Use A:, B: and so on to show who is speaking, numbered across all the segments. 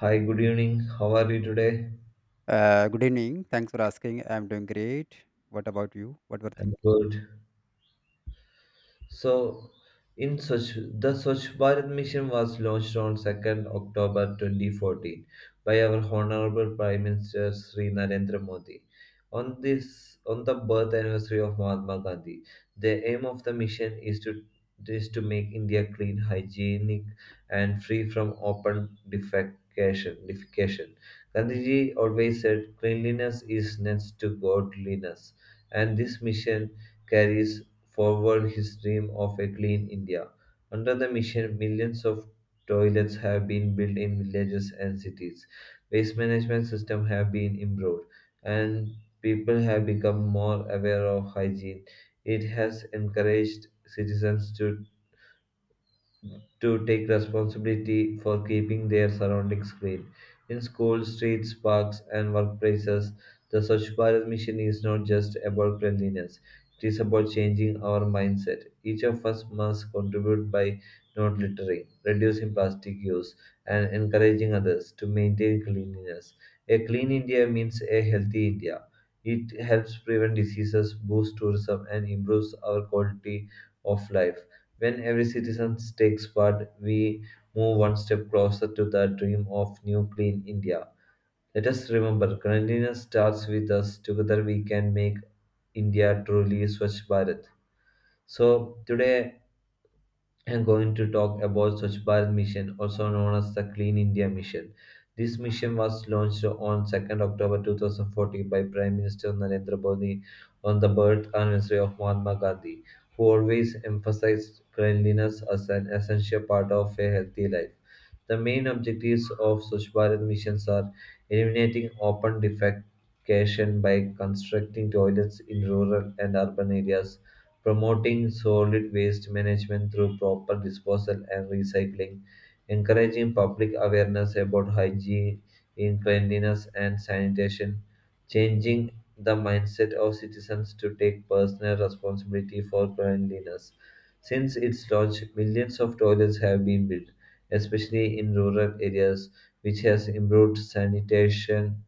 A: Hi, good evening. How are you today?
B: Good evening. Thanks for asking. I'm doing great. What about you? What were
A: I'm
B: think?
A: good. So, the Swachh Bharat mission was launched on 2nd October 2014 by our Honorable Prime Minister Sri Narendra Modi. On the birth anniversary of Mahatma Gandhi, the aim of the mission is to make India clean, hygienic, and free from open defecation. Gandhiji always said, "Cleanliness is next to godliness," and this mission carries forward his dream of a clean India. Under the mission, millions of toilets have been built in villages and cities. Waste management systems have been improved, and people have become more aware of hygiene. It has encouraged citizens to take responsibility for keeping their surroundings clean. In schools, streets, parks, and workplaces, the Swachh Bharat mission is not just about cleanliness, it is about changing our mindset. Each of us must contribute by not littering, reducing plastic use, and encouraging others to maintain cleanliness. A clean India means a healthy India. It helps prevent diseases, boost tourism, and improves our quality of life. When every citizen takes part, we move one step closer to the dream of New Clean India. Let us remember, cleanliness starts with us. Together we can make India truly Swachh Bharat. So today I'm going to talk about Swachh Bharat Mission, also known as the Clean India Mission. This mission was launched on 2nd October 2014 by Prime Minister Narendra Modi on the birth anniversary of Mahatma Gandhi, who always emphasized cleanliness as an essential part of a healthy life. The main objectives of Swachh Bharat missions are eliminating open defecation by constructing toilets in rural and urban areas, promoting solid waste management through proper disposal and recycling, encouraging public awareness about hygiene, cleanliness, and sanitation, changing the mindset of citizens to take personal responsibility for cleanliness. Since its launch, millions of toilets have been built, especially in rural areas, which has improved sanitation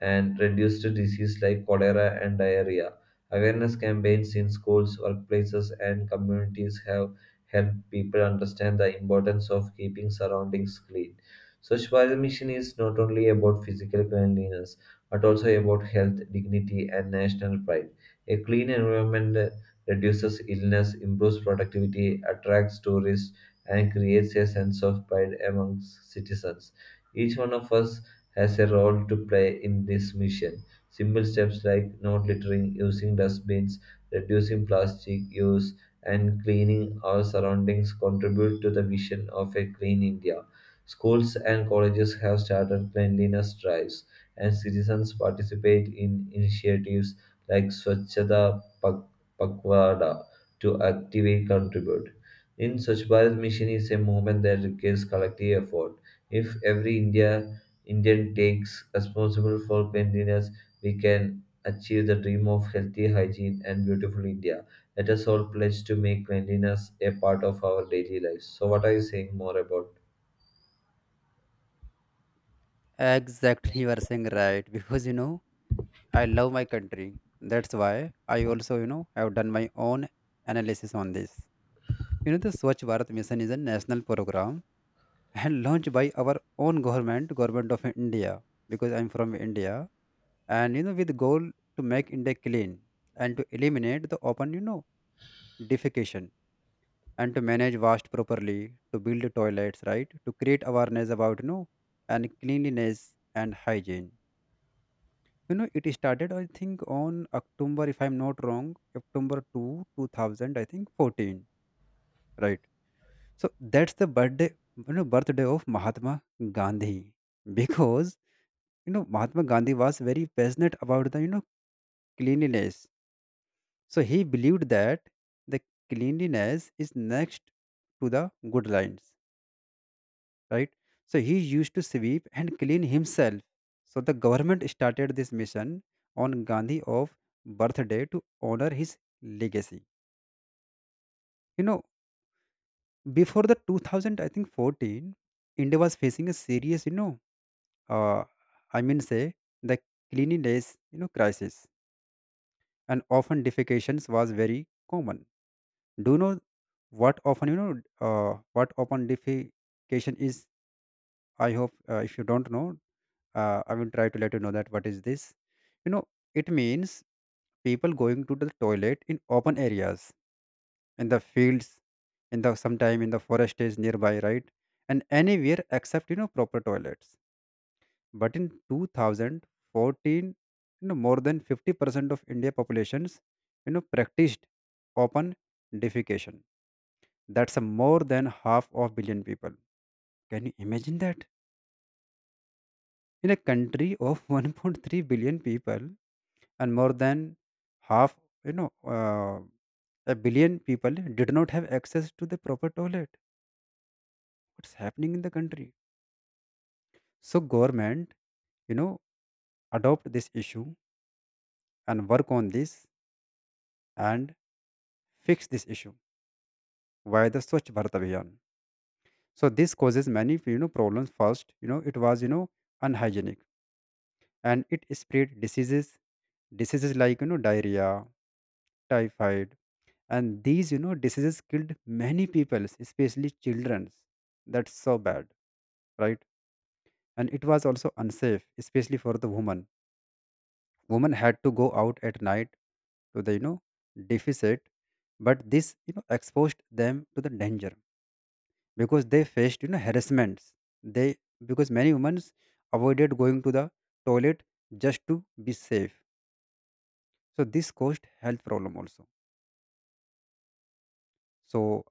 A: and reduced diseases like cholera and diarrhea. Awareness campaigns in schools, workplaces, and communities have helped people understand the importance of keeping surroundings clean. Swachh Bharat Mission is not only about physical cleanliness but also about health, dignity, and national pride. A clean environment reduces illness, improves productivity, attracts tourists, and creates a sense of pride amongst citizens. Each one of us has a role to play in this mission. Simple steps like not littering, using dustbins, reducing plastic use, and cleaning our surroundings contribute to the vision of a clean India. Schools and colleges have started cleanliness drives, and citizens participate in initiatives like Pakwada to actively contribute. In Swachh Bharat Mission is a movement that requires collective effort. If every Indian takes responsible for cleanliness, we can achieve the dream of healthy hygiene and beautiful India. Let us all pledge to make cleanliness a part of our daily lives. So, what are you saying more about?
B: Exactly, you are saying right. Because I love my country. That's why I also, have done my own analysis on this. The Swachh Bharat Mission is a national program and launched by our own government of India. Because I'm from India, and, with the goal to make India clean and to eliminate the open, defecation, and to manage waste properly, to build toilets, right? To create awareness about, and cleanliness and hygiene. It started, I think, on October, if I'm not wrong, October 2, 2000, I think, 14, right? So that's the birthday of Mahatma Gandhi because, Mahatma Gandhi was very passionate about cleanliness. So he believed that the cleanliness is next to the good lines, right? So he used to sweep and clean himself. So the government started this mission on Gandhi of birthday to honor his legacy. You know, Before the 2000, I think 14, India was facing a serious, uh, I mean, say, the cleanliness, crisis, and often defecations was very common. Do you know what often defecation is? I hope, if you don't know, I will try to let you know that what is this. you know it means people going to the toilet in open areas, in the fields, in the sometime in the forest is nearby, right? And anywhere except, proper toilets. But in 2014, more than 50% of india populations, practiced open defecation. That's a more than half of billion people. Can you imagine that in a country of 1.3 billion people? And more than half, you know uh, a billion people did not have access to the proper toilet. What's happening in the country? So government, you know adopt this issue and work on this, and fix this issue via the Swachh Bharat Abhiyan. So this causes many, problems. First, it was, unhygienic, and it spread diseases like, diarrhea, typhoid. And these, diseases killed many people, especially children. That's so bad, right? And it was also unsafe, especially for the woman. Woman had to go out at night to the, deficit. But this, exposed them to the danger, because they faced, harassments. They, because many women avoided going to the toilet just to be safe. So this caused health problem also. So,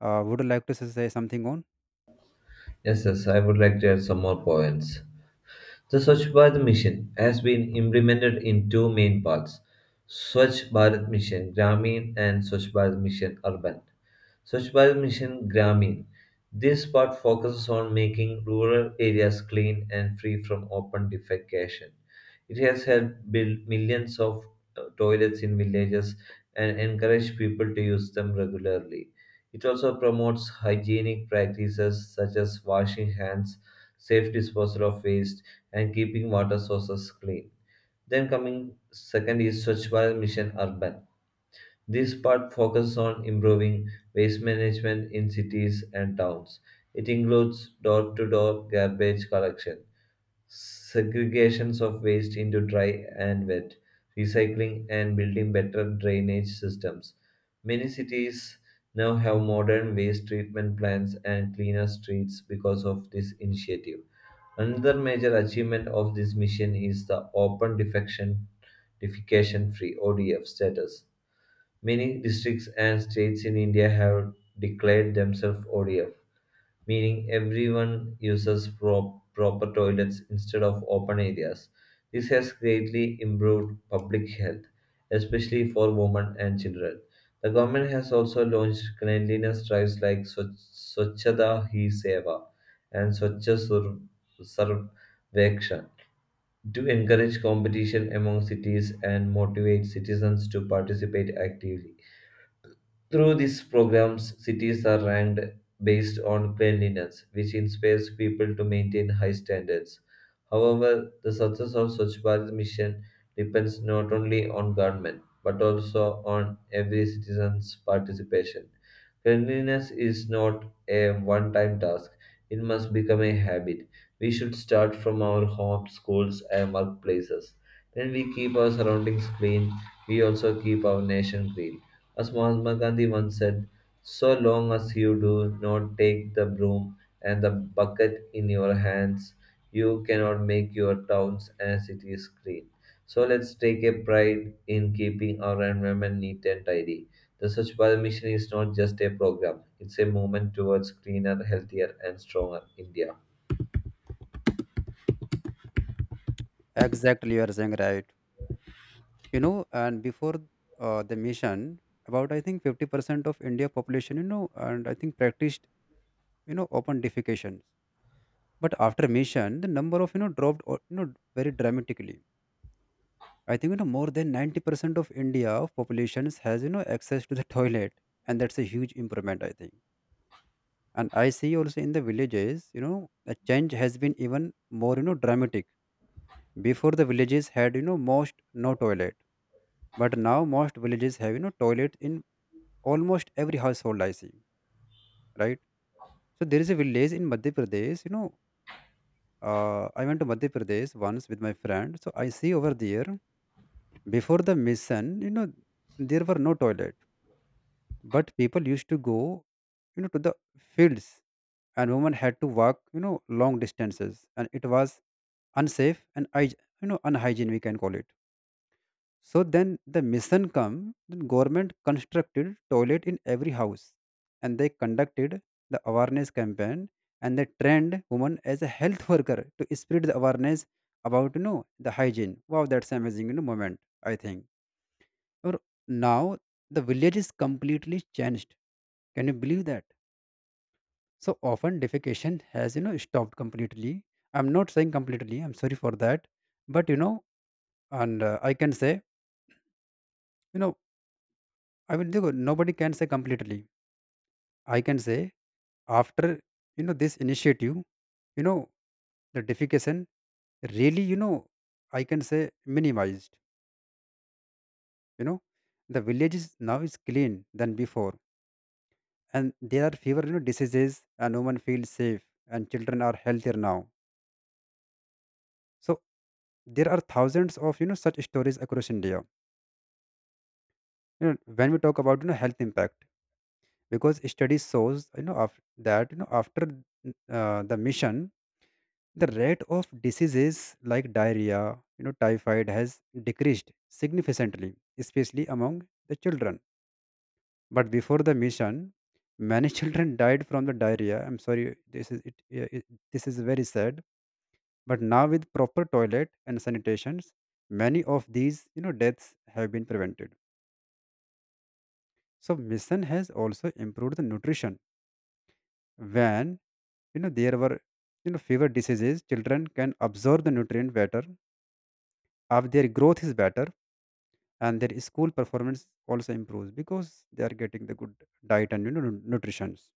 B: would you like to say something on?
A: Yes, yes, I would like to add some more points. The Swachh Bharat Mission has been implemented in two main parts: Swachh Bharat Mission Gramin and Swachh Bharat Mission Urban. Swachh Bharat Mission Gramin. This part focuses on making rural areas clean and free from open defecation. It has helped build millions of toilets in villages and encouraged people to use them regularly. It also promotes hygienic practices such as washing hands, safe disposal of waste, and keeping water sources clean. Then coming second is Swachh Bharat Mission Urban. This part focuses on improving waste management in cities and towns. It includes door-to-door garbage collection, segregations of waste into dry and wet, recycling, and building better drainage systems. Many cities now have modern waste treatment plants and cleaner streets because of this initiative. Another major achievement of this mission is the open defection defecation free ODF status. Many districts and states in India have declared themselves ODF, meaning everyone uses proper toilets instead of open areas. This has greatly improved public health, especially for women and children. The government has also launched cleanliness drives like Swachhata Hi Seva and Sarvekshan to encourage competition among cities and motivate citizens to participate actively. Through these programs, cities are ranked based on cleanliness, which inspires people to maintain high standards. However, the success of Swachh Bharat mission depends not only on government but also on every citizen's participation. Cleanliness is not a one time task, it must become a habit. We should start from our homes, schools, and workplaces. When we keep our surroundings clean, we also keep our nation clean. As Mahatma Gandhi once said, "so long as you do not take the broom and the bucket in your hands, you cannot make your towns and cities green." So let's take a pride in keeping our environment neat and tidy. The Swachh Bharat Mission is not just a program, it's a movement towards cleaner, healthier, and stronger India.
B: Exactly, you are saying right. And before, the mission, about I think 50% of india population, and I think practiced, open defecation. But after mission, the number of, dropped or, very dramatically. I think, more than 90% of india of populations has, access to the toilet. And that's a huge improvement, I think. And I see also in the villages, the change has been even more, dramatic. Before, the villages had, most no toilet. But now most villages have, toilet in almost every household I see, right? So there is a village in Madhya Pradesh. I went to Madhya Pradesh once with my friend. So I see over there, before the mission, there were no toilet. But people used to go, to the fields, and women had to walk, long distances. And it was unsafe, and, unhygiene, we can call it. So then the mission come. The government constructed toilet in every house, and they conducted the awareness campaign, and they trained women as a health worker to spread the awareness about, the hygiene. Wow, that's amazing, moment, I think. Or now the village is completely changed. Can you believe that? So often defecation has, stopped completely. I'm not saying completely. I'm sorry for that, but, you know, and I can say, you know I mean, देखो, nobody can say completely. I can say, after, this initiative, you know the defecation really, I can say minimized. You know the village is now is clean than before, and there are fewer, diseases, and women feel safe, and children are healthier now. So there are thousands of, such stories across India. When we talk about, health impact, because study shows, of that, after, the mission, the rate of diseases like diarrhea, typhoid has decreased significantly, especially among the children. But before the mission, many children died from the diarrhea. I'm sorry, this is it, yeah, this is very sad. But now with proper toilet and sanitations, many of these, deaths have been prevented. So mission has also improved the nutrition. When, there were, fever diseases, children can absorb the nutrient better. If their growth is better, and their school performance also improves because they are getting the good diet and, nutritions.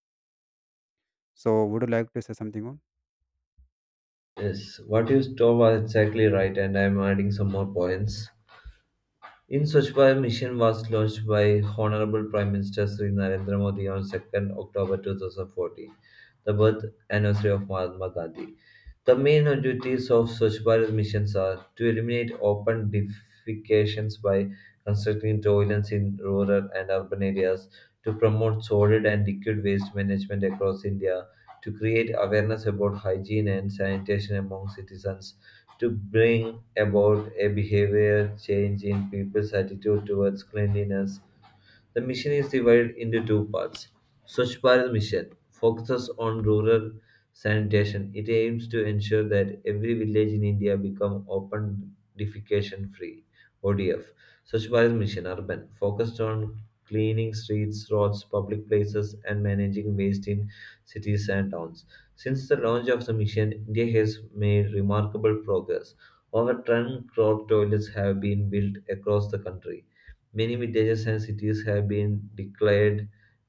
B: So would you like to say something on?
A: Yes, what you told was exactly right, and I'm adding some more points. In Swachh mission was launched by Honorable Prime Minister Sri Narendra Modi on 2nd October 2014, the birth anniversary of Mahatma Gandhi. The main objectives of Swachh Bharat missions are to eliminate open defecations by constructing toilets in rural and urban areas, to promote solid and liquid waste management across India, to create awareness about hygiene and sanitation among citizens, to bring about a behavior change in people's attitude towards cleanliness. The mission is divided into two parts. Swachh Bharat Mission focuses on rural sanitation. It aims to ensure that every village in India become open defecation free (ODF). Swachh Bharat Mission Urban focused on cleaning streets, roads, public places, and managing waste in cities and towns. Since the launch of the mission, India has made remarkable progress. Over 10 crore toilets have been built across the country. Many villages cities have been declared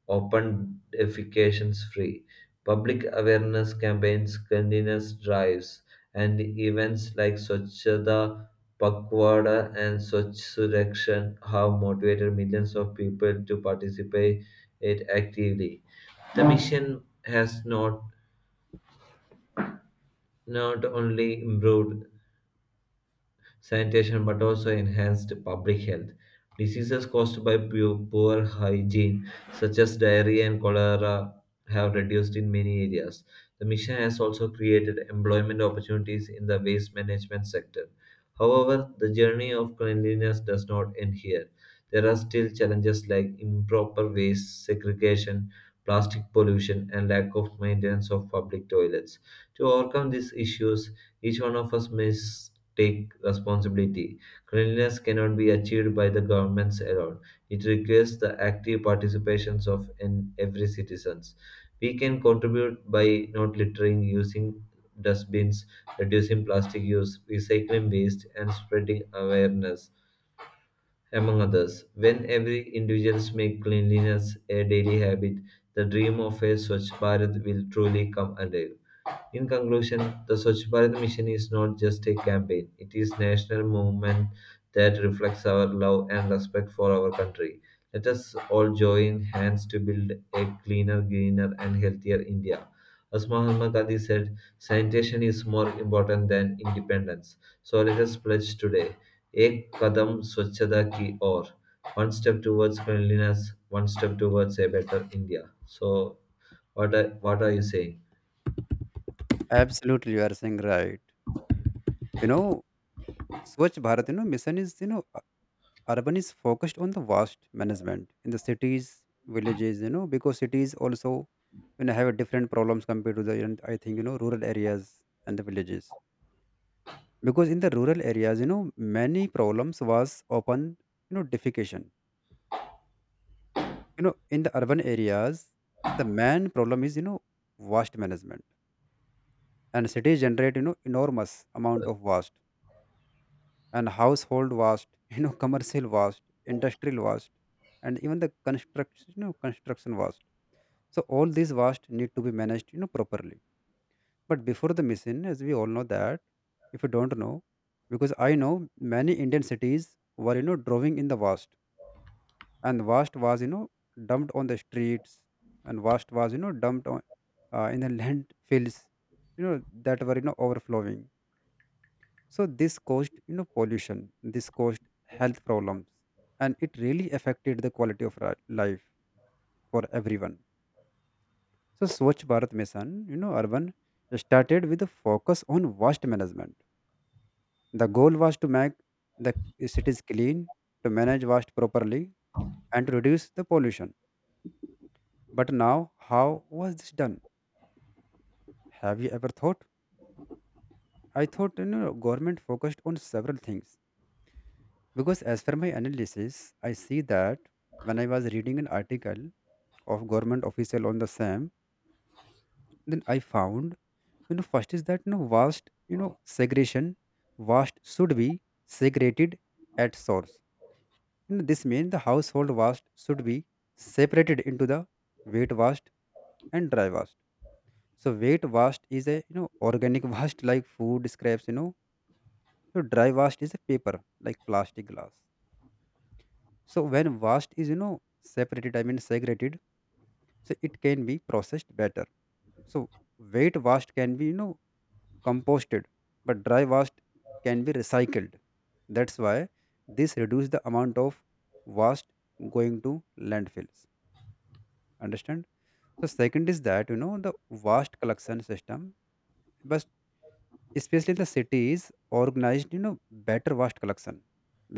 A: open defecations free. Public awareness campaigns, cleanliness drives, and events like Swachhata Pakwada and Swachh Surakshan have motivated millions of people to participate it actively. The mission has not only improved sanitation but also enhanced public health. Diseases caused by poor hygiene, such as diarrhea and cholera, have reduced in many areas. The mission has also created employment opportunities in the waste management sector. However, the journey of cleanliness does not end here. There are still challenges like improper waste segregation, plastic pollution, and lack of maintenance of public toilets. To overcome these issues, each one of us must take responsibility. Cleanliness cannot be achieved by the governments alone. It requires the active participations of every citizens. We can contribute by not littering, using dustbins, reducing plastic use, recycling waste, and spreading awareness among others. When every individuals make cleanliness a daily habit, the dream of a Swachh Bharat will truly come alive. In conclusion, the Swachh Bharat mission is not just a campaign, it is a national movement that reflects our love and respect for our country. Let us all join hands to build a cleaner, greener, and healthier India. As Mahatma Gandhi said, "sanitation is more important than independence." So let us pledge today. Ek kadam swachhada ki or. One step towards cleanliness, one step towards a better India. So, what are you saying?
B: Absolutely, you are saying right. you know Swachh Bharat, mission is, urban is focused on the waste management in the cities, villages, because cities also, have a different problems compared to I think rural areas and the villages. Because in the rural areas, many problems was often, defecation. In the urban areas, the main problem is, waste management. And cities generate, enormous amount of waste and household waste, commercial waste, industrial waste, and even the construction waste. So all these waste need to be managed, properly. But before the mission, as we all know that, if you don't know, because I know many Indian cities were, drawing in the waste, and waste was, dumped on the streets, and waste was, dumped on, in the landfills, you know that were, overflowing. So this caused, pollution. This caused health problems, and it really affected the quality of life for everyone. So Swachh Bharat mission, urban, started with a focus on waste management. The goal was to make the cities clean, to manage waste properly, and to reduce the pollution. But now, how was this done? Have you ever thought? I thought, government focused on several things, because as per my analysis, I see that when I was reading an article of government official on the same, then I found, first is that, vast, segregation. Vast should be segregated at source. This means the household vast should be separated into the wet vast and dry vast. So wet vast is a, organic vast like food scraps. So dry waste is a paper like plastic glass. So when waste is, separated, I mean, segregated, so it can be processed better. So wet waste can be, composted, but dry waste can be recycled. That's why this reduce the amount of waste going to landfills. Understand? So second is that, the waste collection system, especially the cities organized, better vast collection,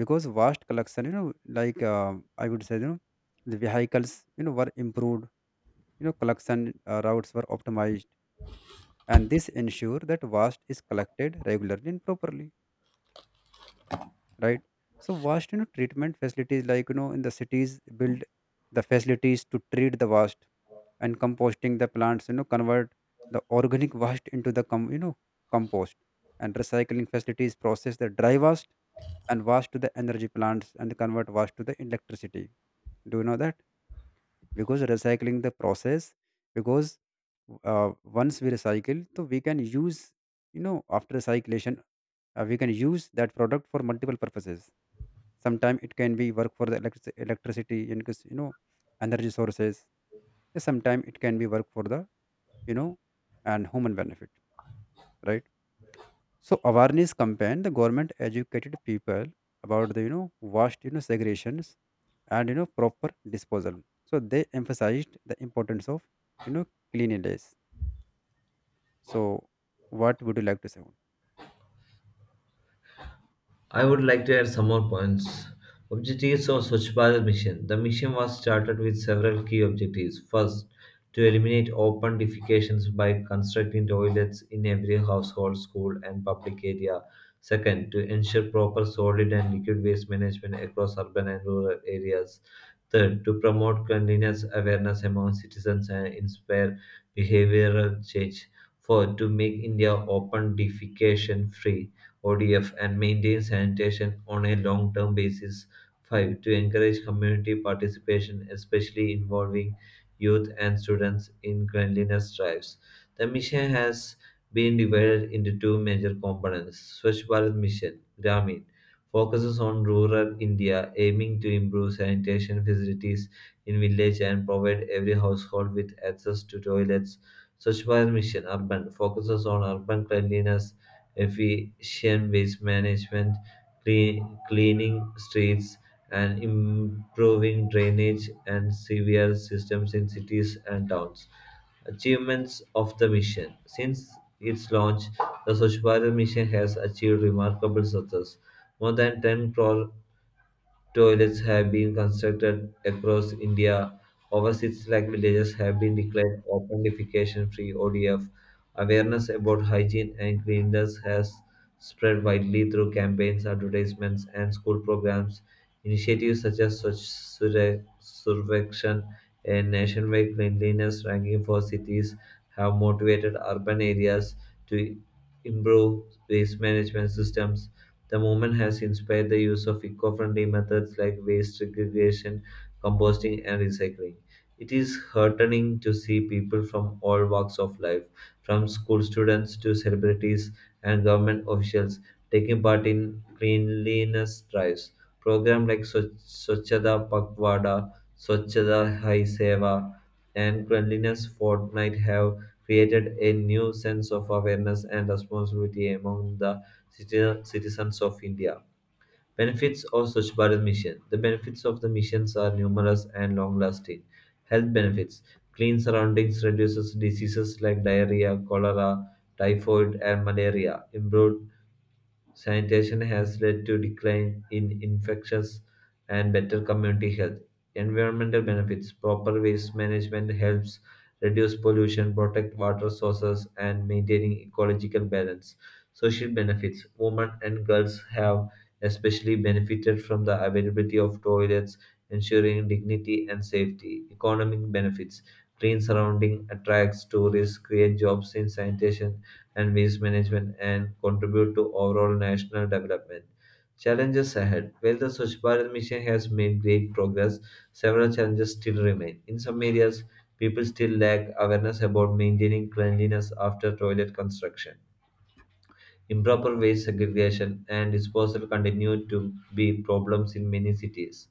B: because vast collection, like, I would say, the vehicles, were improved. Collection, routes were optimized, and this ensure that vast is collected regularly and properly, right? So vast, treatment facilities like, in the cities, build the facilities to treat the waste. And composting the plants, convert the organic waste into the compost. And recycling facilities process the dry waste, and waste to the energy plants and convert waste to the electricity. Do you know that? Because recycling the process, because, once we recycle, so we can use, after recycling, we can use that product for multiple purposes. Sometimes it can be work for the electricity and cause, energy sources. Sometimes it can be work for the, you know and human benefit, right? So awareness campaign, the government educated people about the, waste, segregations and, proper disposal. So they emphasized the importance of, you know cleanliness. So what would you like to say?
A: I would like to add some more points. Objectives of Swachh Bharat Mission. The mission was started with several key objectives. First, to eliminate open defecations by constructing toilets in every household, school, and public area. Second, to ensure proper solid and liquid waste management across urban and rural areas. Third, to promote cleanliness awareness among citizens and inspire behavioral change. Fourth, to make India open defecation free, ODF, and maintain sanitation on a long term basis. 5. To encourage community participation, especially involving youth and students in cleanliness drives. The mission has been divided into two major components. Swachh Bharat Mission Gramin focuses on rural India, aiming to improve sanitation facilities in village and provide every household with access to toilets. Swachh Bharat Mission Urban focuses on urban cleanliness, efficient waste management, cleaning streets, and improving drainage and sewer systems in cities and towns. Achievements of the mission. Since its launch, the Swachh Bharat mission has achieved remarkable success. More than 10 crore toilets have been constructed across India. Over 6 lakh villages have been declared open defecation free, ODF. Awareness about hygiene and cleanliness has spread widely through campaigns, advertisements, and school programs. Initiatives such as Swachh Survekshan and nationwide cleanliness ranking for cities have motivated urban areas to improve waste management systems. The movement has inspired the use of eco friendly methods like waste segregation, composting, and recycling. It is heartening to see people from all walks of life, from school students to celebrities and government officials, taking part in cleanliness drives. Programs like Swachhata Pakvada, Swachhata Hai Seva, and Cleanliness Fortnight have created a new sense of awareness and responsibility among the citizens of India. Benefits of Swachh Bharat Mission. The benefits of the missions are numerous and long lasting. Health benefits: clean surroundings reduces diseases like diarrhea, cholera, typhoid, and malaria. Improved sanitation has led to decline in infections and better community health. Environmental benefits: proper waste management helps reduce pollution, protect water sources, and maintaining ecological balance. Social benefits: women and girls have especially benefited from the availability of toilets, ensuring dignity and safety. Economic benefits: clean surrounding attracts tourists, create jobs in sanitation and waste management, and contribute to overall national development. Challenges ahead. While the Swachh Bharat mission has made great progress, several challenges still remain. In some areas, people still lack awareness about maintaining cleanliness after toilet construction. Improper waste segregation and disposal continue to be problems in many cities.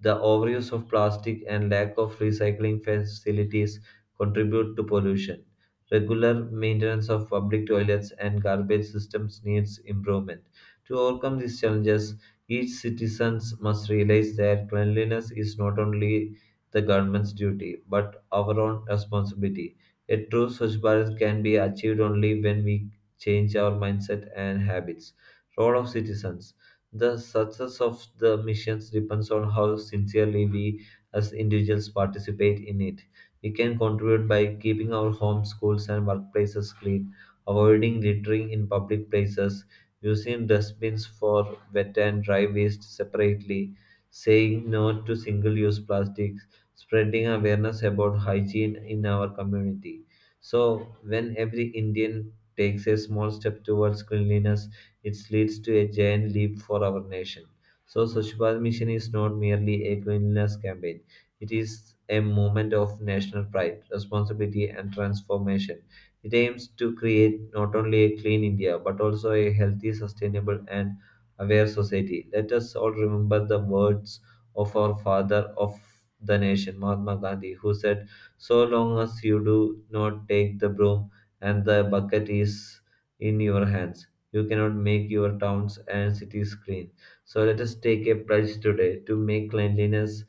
A: The overuse of plastic and lack of recycling facilities contribute to pollution. Regular maintenance of public toilets and garbage systems needs improvement. To overcome these challenges, each citizens must realize that cleanliness is not only the government's duty but our own responsibility. A true Swachh Bharat can be achieved only when we change our mindset and habits. Role of citizens. The success of the missions depends on how sincerely we as individuals participate in it. We can contribute by keeping our homes, schools, and workplaces clean, avoiding littering in public places, using dustbins for wet and dry waste separately, saying no to single use plastics, spreading awareness about hygiene in our community. So, when every Indian takes a small step towards cleanliness, it leads to a giant leap for our nation. So, Swachh Bharat Mission is not merely a cleanliness campaign, it is a movement of national pride, responsibility, and transformation. It aims to create not only a clean India but also a healthy, sustainable, and aware society. Let us all remember the words of our father of the nation, Mahatma Gandhi, who said, "So long as you do not take the broom and the bucket is in your hands, you cannot make your towns and cities clean." So let us take a pledge today to make cleanliness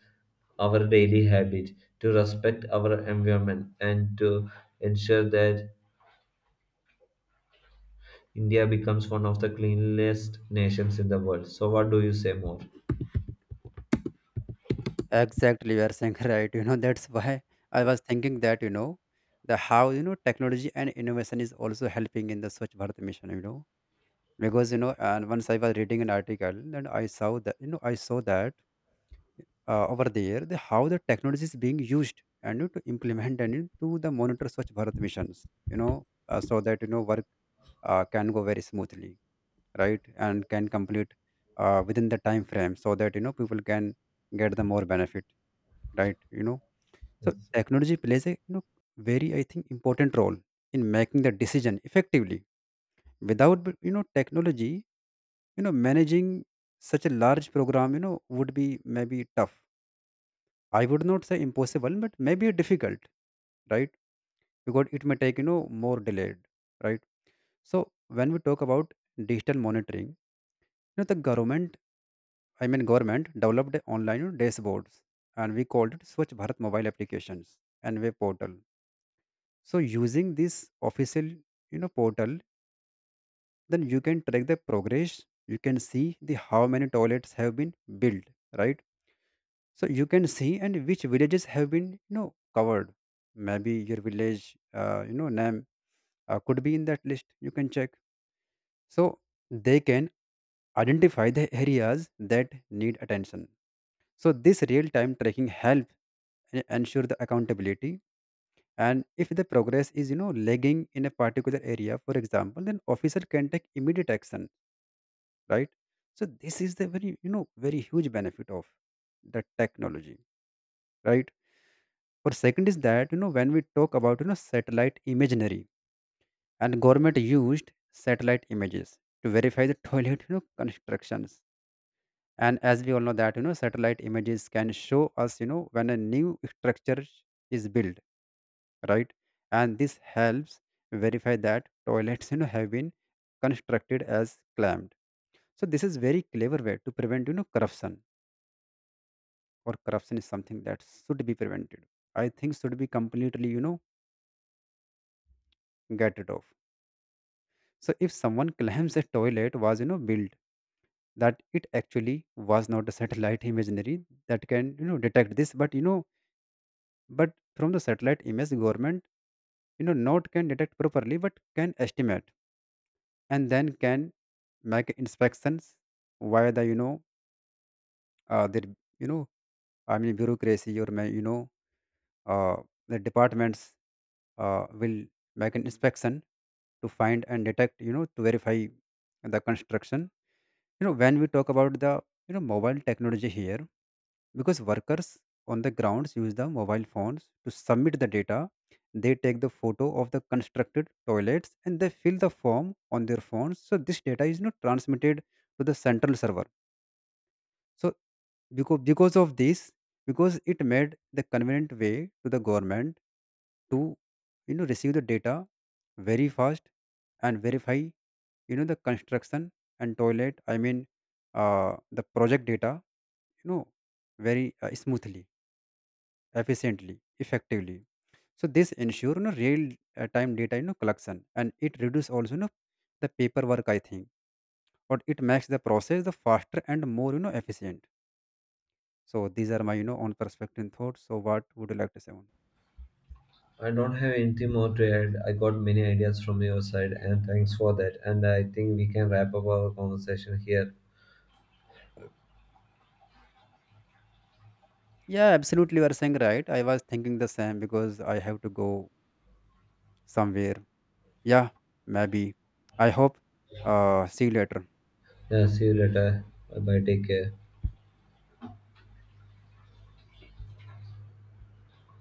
A: our daily habit, to respect our environment, and to ensure that India becomes one of the cleanest nations in the world. So, what do you say more?
B: Exactly, you are saying right. That's why I was thinking that, the how, technology and innovation is also helping in the Swachh Bharat mission, because, you know, and once I was reading an article and I saw that over there, the how the technology is being used and to implement, and to the monitor Swachh Bharat missions, so that, work can go very smoothly, right? And can complete within the time frame, so that, people can get the more benefit, right? So
A: Yes.
B: technology plays a very, I think, important role in making the decision effectively. Without technology, managing such a large program would be maybe tough. I would not say impossible, but maybe difficult, right? Because it may take more delayed, right? So when we talk about digital monitoring, the government, I mean government developed online, dashboards, and we called it Swachh Bharat mobile applications and web portal. So using this official portal, then you can track the progress. You can see the how many toilets have been built, right? So you can see, and which villages have been covered. Maybe your village, name, could be in that list. You can check. So they can identify the areas that need attention. So this real time tracking help ensure the accountability. And if the progress is lagging in a particular area, for example, then officer can take immediate action, right? So this is the very, very huge benefit of the technology, right? Or second is that, when we talk about, satellite imaginary, and government used satellite images to verify the toilet constructions. And as we all know that, satellite images can show us, when a new structure is built, right? And this helps verify that toilets, have been constructed as claimed. So this is very clever way to prevent, corruption. Or corruption is something that should be prevented. I think should be completely, get rid of. So if someone claims a toilet was, built, that it actually was not, a satellite imagery that can, detect this. But but from the satellite image, government, not can detect properly, but can estimate, and then can make inspections via the their, you know I mean bureaucracy, or may, uh, the departments will make an inspection to find and detect, to verify the construction. When we talk about the mobile technology here, because workers on the grounds use the mobile phones to submit the data. They take the photo of the constructed toilets, and they fill the form on their phones. So this data is not transmitted to the central server. So because of this, because it made the convenient way to the government to receive the data very fast, and verify, the construction and toilet, I mean, the project data, you know very smoothly, efficiently, effectively. So this ensure, real time data, collection. And it reduce also, the paperwork, I think. Or it makes the process the faster and more, efficient. So these are my, own perspective and thoughts. So what would you like to say on?
A: I don't have anything more to add. I got many ideas from your side, and thanks for that. And I think we can wrap up our conversation here.
B: Yeah, absolutely. You are saying right. I was thinking the same, because I have to go somewhere. Yeah, maybe. I hope. See you later.
A: Yeah, see you later. Bye bye. Take care.